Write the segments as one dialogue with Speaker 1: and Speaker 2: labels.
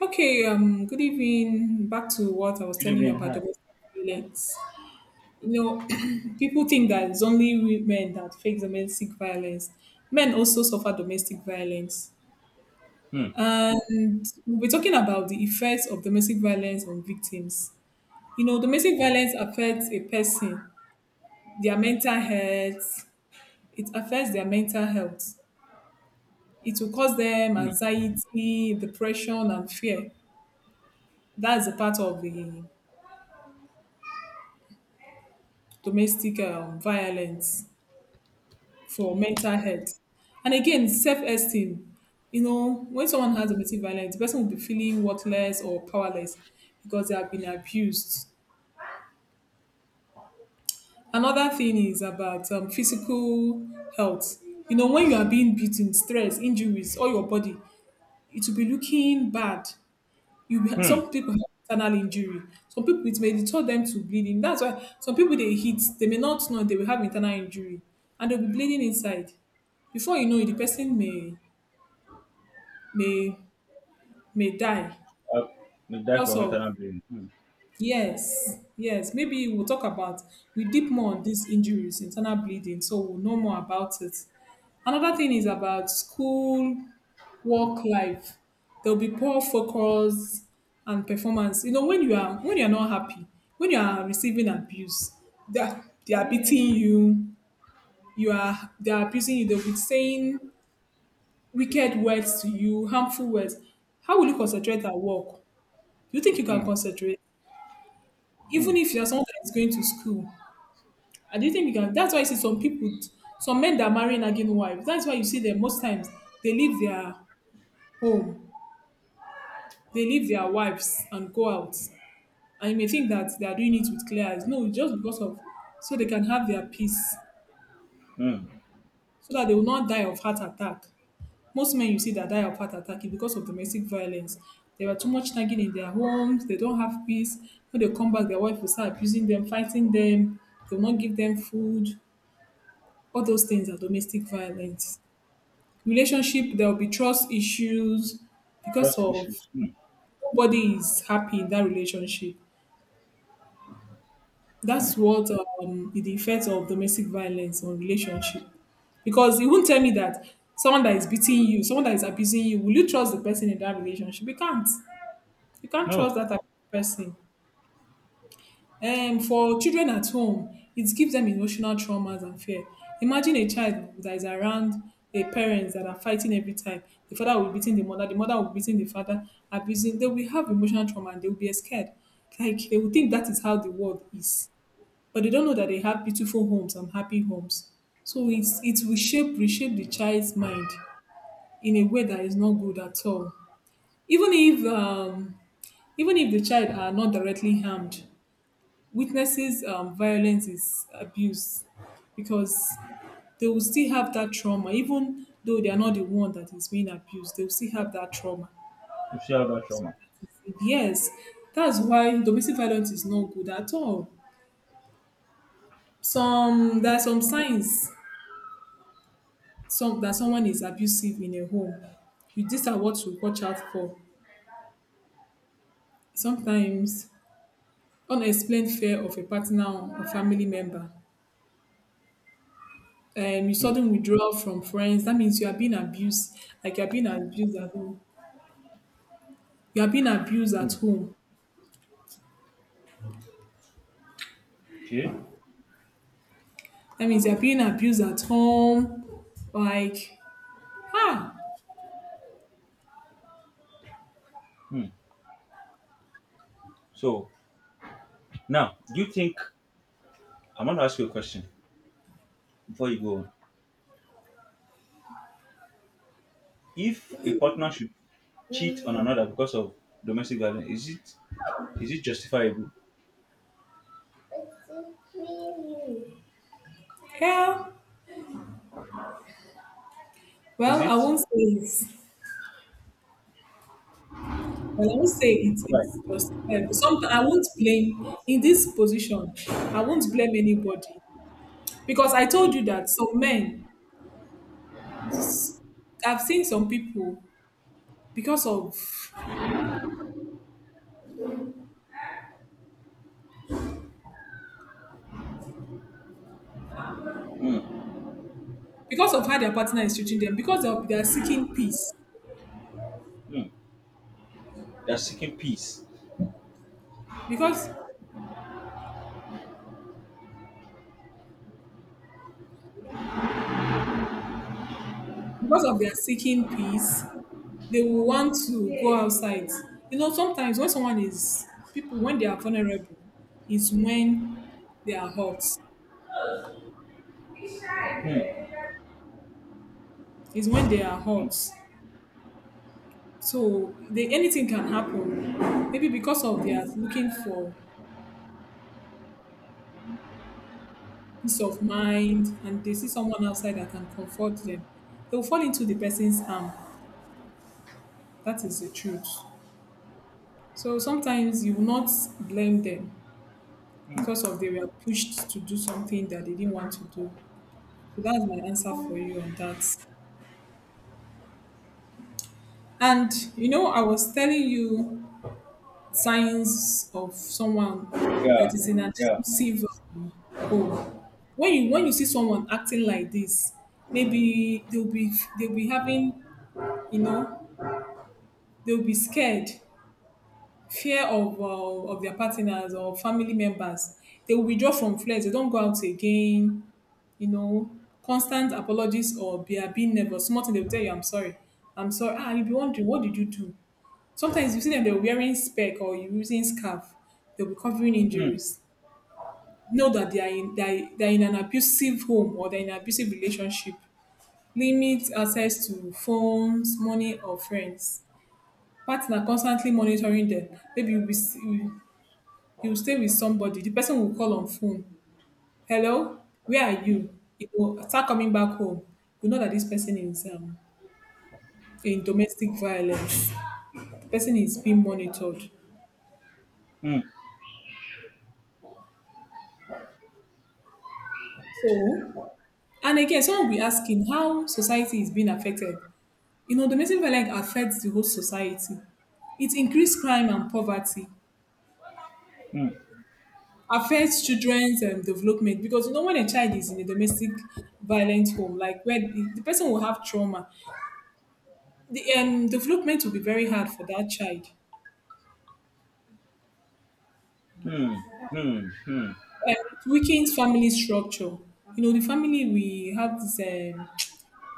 Speaker 1: Okay, good evening. Back to what I was
Speaker 2: Good
Speaker 1: telling you
Speaker 2: evening.
Speaker 1: about
Speaker 2: Hi.
Speaker 1: domestic violence. You know, people think that it's only women that face domestic violence. Men also suffer domestic violence.
Speaker 2: Hmm.
Speaker 1: And we are talking about the effects of domestic violence on victims. You know, domestic violence affects a person, their mental health. It will cause them
Speaker 2: Hmm.
Speaker 1: anxiety, depression, and fear. That's a part of the domestic violence for mental health. And again, self-esteem. You know, when someone has domestic violence, the person will be feeling worthless or powerless because they have been abused. Another thing is about physical health. You know, when you are being beaten, stress, injuries, or your body, it will be looking bad.
Speaker 2: Hmm.
Speaker 1: Some people have internal injury. Some people it may deter them to bleeding. That's why some people they hit, they may not know they will have internal injury and they'll be bleeding inside. Before you know it, the person may may die.
Speaker 2: Uh, we die from
Speaker 1: Also,
Speaker 2: internal bleeding. Hmm.
Speaker 1: yes, yes. Maybe we'll talk about we deep more on these injuries, internal bleeding, so we'll know more about it. Another thing is about school work life. There'll be poor focus and performance. You know, when you're not happy, when you are receiving abuse, they are beating you, you are they are abusing you, they'll be saying wicked words to you, harmful words. How will you concentrate at work? Do you think you
Speaker 2: Hmm.
Speaker 1: can concentrate?
Speaker 2: Hmm.
Speaker 1: Even if you're someone that is going to school, and do you think you can that's why you see some people, some men that marry nagging wives, that's why you see them most times they leave their home, they leave their wives and go out. And you may think that they are doing it with clear eyes. No, it's just because of so they can have their peace,
Speaker 2: Hmm.
Speaker 1: so that they will not die of heart attack. Most men you see that die of heart attack is because of domestic violence. They were too much nagging in their homes, they don't have peace. When they come back, their wife will start abusing them, fighting them, they will not give them food. All those things are domestic violence. Relationship, there will be trust issues because
Speaker 2: Trust
Speaker 1: of
Speaker 2: issues. Hmm.
Speaker 1: nobody is happy in that relationship.
Speaker 2: Hmm.
Speaker 1: That's what the effect of domestic violence on relationship. Because you won't tell me that someone that is beating you, someone that is abusing you, will you trust the person in that relationship? You can't. You can't trust
Speaker 2: No.
Speaker 1: that type of person. And for children at home, it gives them emotional traumas and fear. Imagine a child that is around a parents that are fighting every time. The father will be beating the mother will be beating the father, abusing. They will have emotional trauma and they will be scared. Like they will think that is how the world is, but they don't know that they have beautiful homes and happy homes. So it will shape reshape the child's mind in a way that is not good at all. Even if um, even if the child are not directly harmed, witnesses violence is abuse, because they will still have that trauma, even though they are not the one that is being abused. They will still have that trauma.
Speaker 2: You see how that trauma.
Speaker 1: Yes, that's why domestic violence is not good at all. Some there are some signs some that someone is abusive in a home. You, these are what to watch out for. Sometimes unexplained fear of a partner or a family member. You
Speaker 2: Hmm.
Speaker 1: Sudden withdrawal from friends. That means you are being abused. Like you are being abused at home. You are being abused at
Speaker 2: Hmm.
Speaker 1: home.
Speaker 2: Okay.
Speaker 1: That means you are being abused at home. Like, ah,
Speaker 2: Hmm. So now, do you think I'm going to ask you a question before you go on? If a partner should cheat on another because of domestic violence, is it justifiable?
Speaker 1: hell.
Speaker 2: Is
Speaker 1: Well, I
Speaker 2: it?
Speaker 1: won't say it. Well, I won't say it.
Speaker 2: Why?
Speaker 1: It's just hell. But sometimes I won't blame in this position. I won't blame anybody. Because I told
Speaker 2: Hmm.
Speaker 1: you that some men, I've seen some people because of
Speaker 2: Hmm.
Speaker 1: because of how their partner is treating them, because of they are seeking peace,
Speaker 2: Hmm. They're seeking peace.
Speaker 1: because because of their seeking peace, they will want to go outside. You know, sometimes when someone is people when they are vulnerable, is when they are hurt.
Speaker 2: Hmm.
Speaker 1: Is when they are
Speaker 2: Hmm.
Speaker 1: hurt. So they, anything can happen. Maybe because of they are looking for peace of mind and they see someone outside that can comfort them, they'll fall into the person's arm. That is the truth. So sometimes you will not blame them
Speaker 2: Hmm.
Speaker 1: because of they were pushed to do something that they didn't want to do. So that's my answer for you on that. And you know, I was telling you signs of someone that
Speaker 2: Yeah.
Speaker 1: is in an
Speaker 2: Yeah.
Speaker 1: abusive um, home. When you see someone acting like this, maybe they'll be having, you know, they'll be scared, fear of their partners or family members. They will withdraw from friends. They don't go out again. You know, constant apologies or they are being nervous. Small thing they will tell you, "I'm sorry, I'm sorry." Ah, you'll be wondering, what did you do? Sometimes you see them. They're wearing spec or using scarf. They'll be covering
Speaker 2: Hmm.
Speaker 1: injuries. Know that they are in an abusive home or they're in an abusive relationship. Limit access to phones, money, or friends. Partner constantly monitoring them. Maybe you, you will stay with somebody, the person will call on phone, "Hello, where are you?" You go start coming back home, you know that this person is in domestic violence, the person is being monitored.
Speaker 2: Hmm.
Speaker 1: So, and again, someone will be asking how society is being affected. You know, domestic violence affects the whole society. It increase crime and poverty,
Speaker 2: Hmm.
Speaker 1: affects children's development, because you know when a child is in a domestic violent home, like where the person will have trauma, the development will be very hard for that child.
Speaker 2: Hmm. Hmm. Hmm.
Speaker 1: It weakens family structure. You know, the family, we have this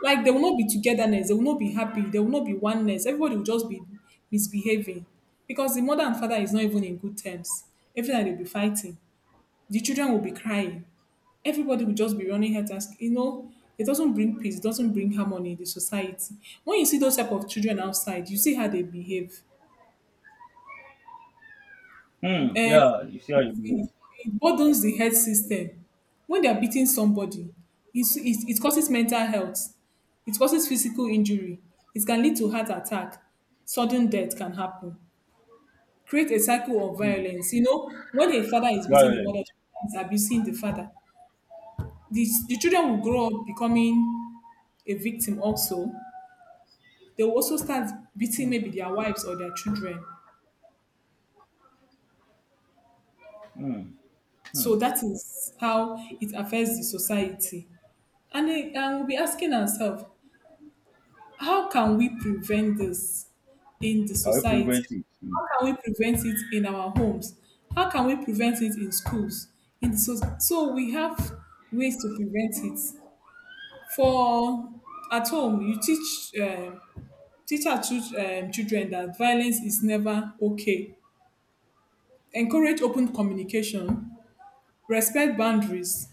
Speaker 1: like there will not be togetherness, there will not be happy, there will not be oneness, everybody will just be misbehaving, because the mother and father is not even in good terms, every time they'll be fighting. The children will be crying. Everybody will just be running health task. You know, it doesn't bring peace, doesn't bring harmony in the society. When you see those type of children outside, you see how they behave.
Speaker 2: Hmm.
Speaker 1: And
Speaker 2: Yeah, you see how you
Speaker 1: it
Speaker 2: do.
Speaker 1: it burdens the health system. When they are beating somebody, it causes mental health. It causes physical injury. It can lead to heart attack. Sudden death can happen. Create a cycle of
Speaker 2: Hmm.
Speaker 1: violence. You know, when a father is beating
Speaker 2: Violence.
Speaker 1: the mother is abusing the father. The children will grow up becoming a victim also, they will also start beating
Speaker 2: Hmm.
Speaker 1: maybe their wives or their children.
Speaker 2: Hmm.
Speaker 1: So
Speaker 2: Hmm.
Speaker 1: that is how
Speaker 2: So,
Speaker 1: it affects the society. And, and we'll be asking ourselves, how can we prevent this in the
Speaker 2: can we
Speaker 1: society?
Speaker 2: prevent it? Hmm.
Speaker 1: How can we prevent it in our homes? How can we prevent it in schools? So we have ways to prevent it. For at home, you teach teach our children that violence is never okay. Encourage open communication, respect boundaries.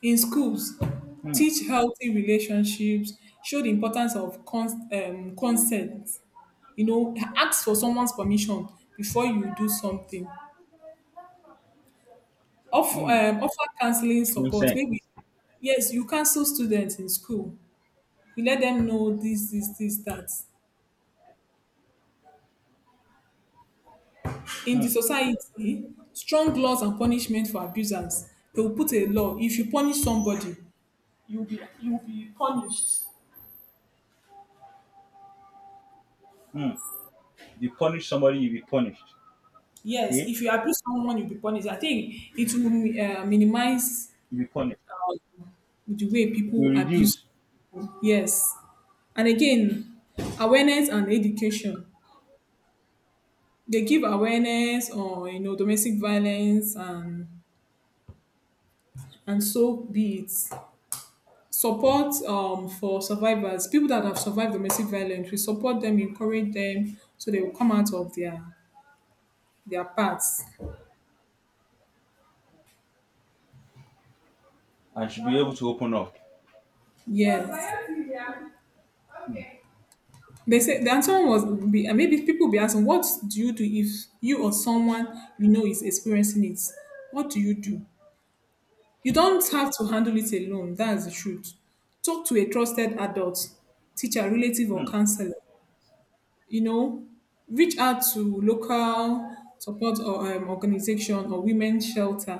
Speaker 1: In schools,
Speaker 2: Hmm.
Speaker 1: teach healthy relationships, show the importance of consent. You know, ask for someone's permission before you do something. Offer,
Speaker 2: Hmm.
Speaker 1: offer counseling support.
Speaker 2: Consent.
Speaker 1: Maybe, yes, you counsel students in school. You let them know this, this, this, that. In the
Speaker 2: Hmm.
Speaker 1: society, strong laws and punishment for abusers. They will put a law. If you punish somebody, you'll be punished.
Speaker 2: Hmm. If you punish somebody, you be punished.
Speaker 1: Yes,
Speaker 2: Okay?
Speaker 1: if you abuse someone, you'll be punished. I think it will minimize
Speaker 2: You be punished.
Speaker 1: um, the way
Speaker 2: If you
Speaker 1: people abuse.
Speaker 2: reduce,
Speaker 1: Yes. And again, awareness and education. They give awareness on you know domestic violence and so be it. Support for survivors, people that have survived domestic violence. We support them, encourage them, so they will come out of their paths.
Speaker 2: and should be able to open up.
Speaker 1: Yes.
Speaker 2: Hmm.
Speaker 1: They say the answer was be and maybe people be asking, what do you do if you or someone you know is experiencing it? What do? You don't have to handle it alone. That's the truth. Talk to a trusted adult, teacher, relative, or
Speaker 2: Hmm.
Speaker 1: counselor. You know, reach out to local support or organization or women's shelter.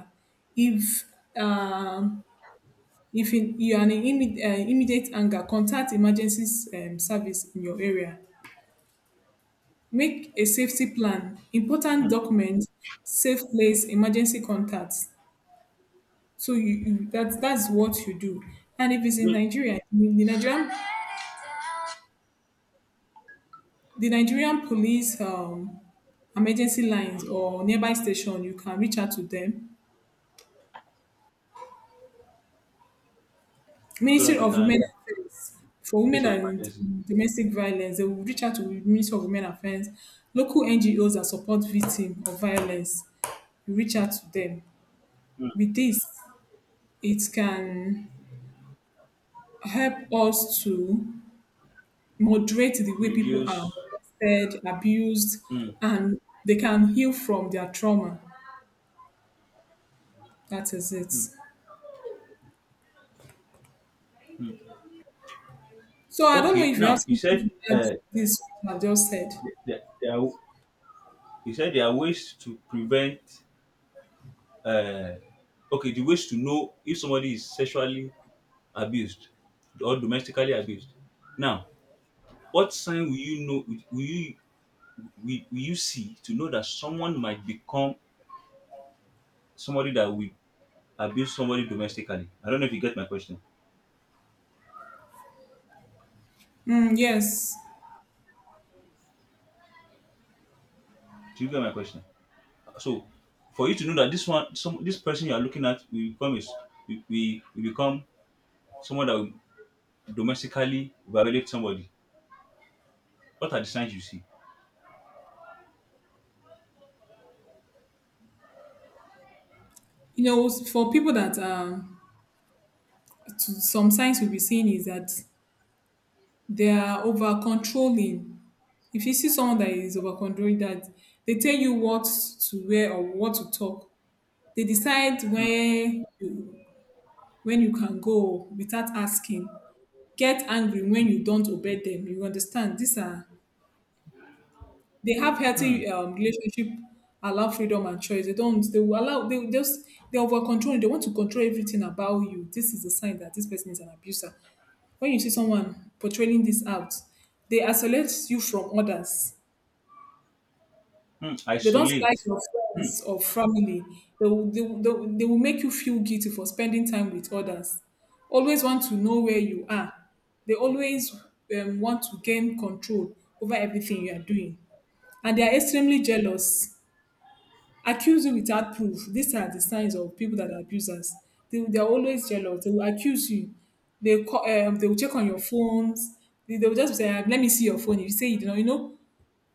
Speaker 1: If um, if in, you are in immediate anger, contact emergency service in your area. Make a safety plan.
Speaker 2: Hmm.
Speaker 1: Important documents, safe place, emergency contacts. So you that that's what you do. And if it's in
Speaker 2: Do-
Speaker 1: Nigeria, the Nigerian police emergency lines or nearby station, you can reach out to them.
Speaker 2: So that
Speaker 1: Ministry
Speaker 2: they
Speaker 1: of Women
Speaker 2: can
Speaker 1: Affairs for
Speaker 2: face
Speaker 1: women
Speaker 2: of emergency.
Speaker 1: and domestic violence, they will reach out to Ministry of Women Affairs, local NGOs that support victims of violence. You reach out to them.
Speaker 2: Hmm.
Speaker 1: With this, it can help us to moderate the way people
Speaker 2: Reduce.
Speaker 1: are molested, abused,
Speaker 2: Hmm.
Speaker 1: and they can heal from their trauma. That is it.
Speaker 2: Hmm. Hmm.
Speaker 1: So I don't know
Speaker 2: Okay.
Speaker 1: if you have
Speaker 2: Now you
Speaker 1: something
Speaker 2: said
Speaker 1: to add to this what I've just said.
Speaker 2: th- th- there are, there are ways to prevent uh, okay, the ways to know if somebody is sexually abused or domestically abused. Now what sign will you know, will you will you see to know that someone might become somebody that will abuse somebody domestically? I don't know if you get my question.
Speaker 1: Mm, yes.
Speaker 2: Do you get my question? So for you to know that this one some this person you are looking at will become is we will become someone that will domestically violate somebody, what are the signs you see?
Speaker 1: You know, for people that are, to, some signs we'll be seeing is that they are over controlling. If you see someone that is over controlling, that they tell you what to wear or what to talk, they decide when you can go without asking, get angry when you don't obey them. You understand? These are they have
Speaker 2: Hmm.
Speaker 1: healthy relationship, allow freedom and choice. They don't. They will allow. They will just they over control. They want to control everything about you. This is a sign that this person is an abuser. When you see someone portraying this out, they isolate you from others.
Speaker 2: Hmm.
Speaker 1: They don't like
Speaker 2: Isolate.
Speaker 1: your
Speaker 2: Hmm.
Speaker 1: friends or family. They will make you feel guilty for spending time with others. Always want to know where you are. They always want to gain control over everything you are doing. And they are extremely jealous. Accuse you without proof. These are the signs of people that are abusers. They are always jealous. They will accuse you. They, call, they will check on your phones. They will just say, "Ah, let me see your phone." You say, you know, you know,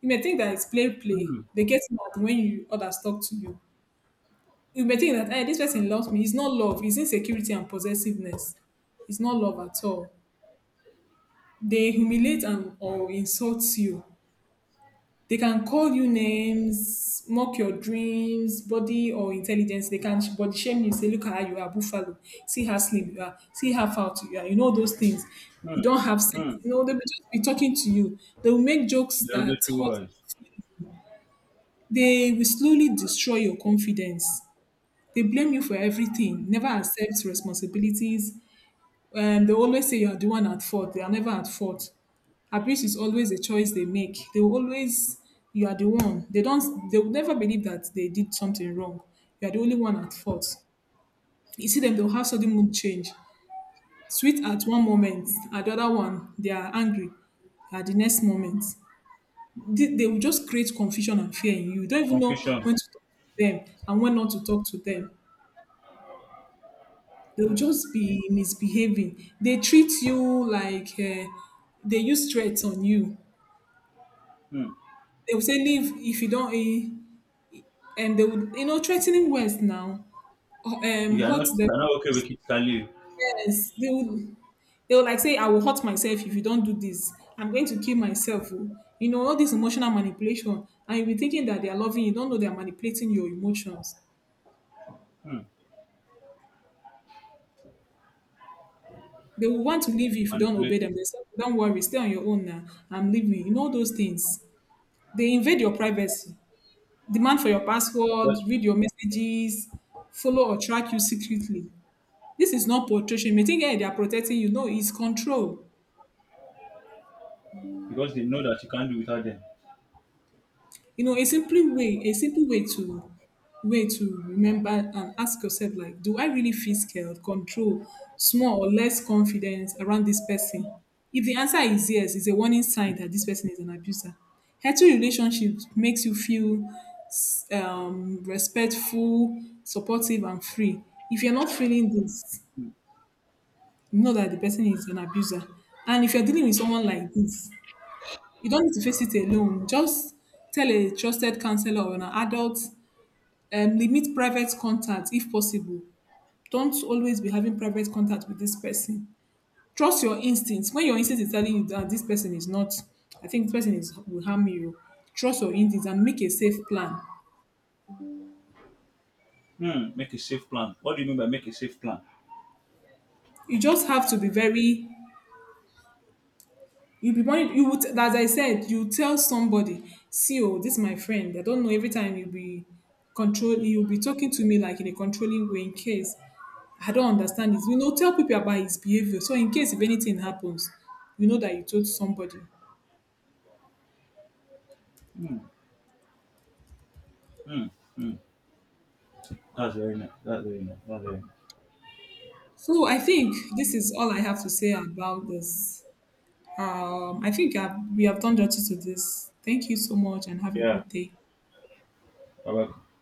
Speaker 1: you may think that it's play play.
Speaker 2: Hmm.
Speaker 1: They get mad when you others talk to you. You may think that, hey, this person loves me. It's not love. It's insecurity and possessiveness. It's not love at all. They humiliate and or insult you. They can call you names, mock your dreams, body or intelligence. They can body shame you. Say, look at how you are, buffalo. See how slim you are. See how fat you are. You know those things.
Speaker 2: Hmm.
Speaker 1: You don't have sex.
Speaker 2: Hmm.
Speaker 1: You know they will just be talking to you. They will make jokes that
Speaker 2: Derogatory
Speaker 1: hurt.
Speaker 2: words.
Speaker 1: They will slowly destroy your confidence. They blame you for everything, never accept responsibilities. And they always say you are the one at fault. They are never at fault. Abuse is always a choice they make. They will always, you are the one. They don't, they will never believe that they did something wrong. You are the only one at fault. You see them, they'll have sudden mood change. Sweet at one moment, at the other one, they are angry at the next moment. They will just create confusion and fear in you. You don't even know
Speaker 2: Confusion.
Speaker 1: when to talk to them and when not to talk to them. They will just be misbehaving. They treat you like they use threats on you.
Speaker 2: Hmm.
Speaker 1: They will say, "Leave if you don't, eh," and they would, you know, threatening words now. Or,
Speaker 2: If you are
Speaker 1: Hurt
Speaker 2: not, if you are not okay with it, you can leave.
Speaker 1: themselves. They will like say, "I will hurt myself if you don't do this. I'm going to kill myself. Oh." You know all this emotional manipulation, and you'll be thinking that they are loving you. You don't know they are manipulating your emotions.
Speaker 2: Hmm.
Speaker 1: They will want to leave you if you don't obey
Speaker 2: Manipulative.
Speaker 1: them. They say, "Oh, don't worry, stay on your own now. I'm leaving." You know those things. They invade your privacy, demand for your
Speaker 2: But
Speaker 1: password, read your messages, follow or track you secretly. This is not protection. You may think, hey, they are protecting you. No, it's control.
Speaker 2: because they know that you can't do without them.
Speaker 1: You know, a simple way to way to remember and ask yourself like, do I really feel scared, control, small or less confidence around this person? If the answer is yes, it's a warning sign that this person is an abuser. Healthy relationships makes you feel respectful, supportive, and free. If you're not feeling this, know that the person is an abuser. And if you're dealing with someone like this, you don't need to face it alone. Just tell a trusted counselor or an adult. Limit private contact if possible. Don't always be having private contact with this person. Trust your instincts. When your instinct is telling you that this person is not, I think this person is will harm you. Trust your instincts and make a safe plan.
Speaker 2: Hmm. Make a safe plan. What do you mean by make a safe plan?
Speaker 1: You just have to be very you will be one you would, as I said, you tell somebody, see, oh, this is my friend. I don't know every time you'll be control you'll be talking to me like in a controlling way in case I don't understand this. You know, tell people about his behavior. So in case if anything happens, you know that you told somebody.
Speaker 2: Hmm. Hmm. Hmm. That's very nice. That's very nice. That's very nice.
Speaker 1: So I think this is all I have to say about this. I think we have done justice to this. Thank you so much and have a
Speaker 2: Yeah.
Speaker 1: good day.
Speaker 2: Bye-bye.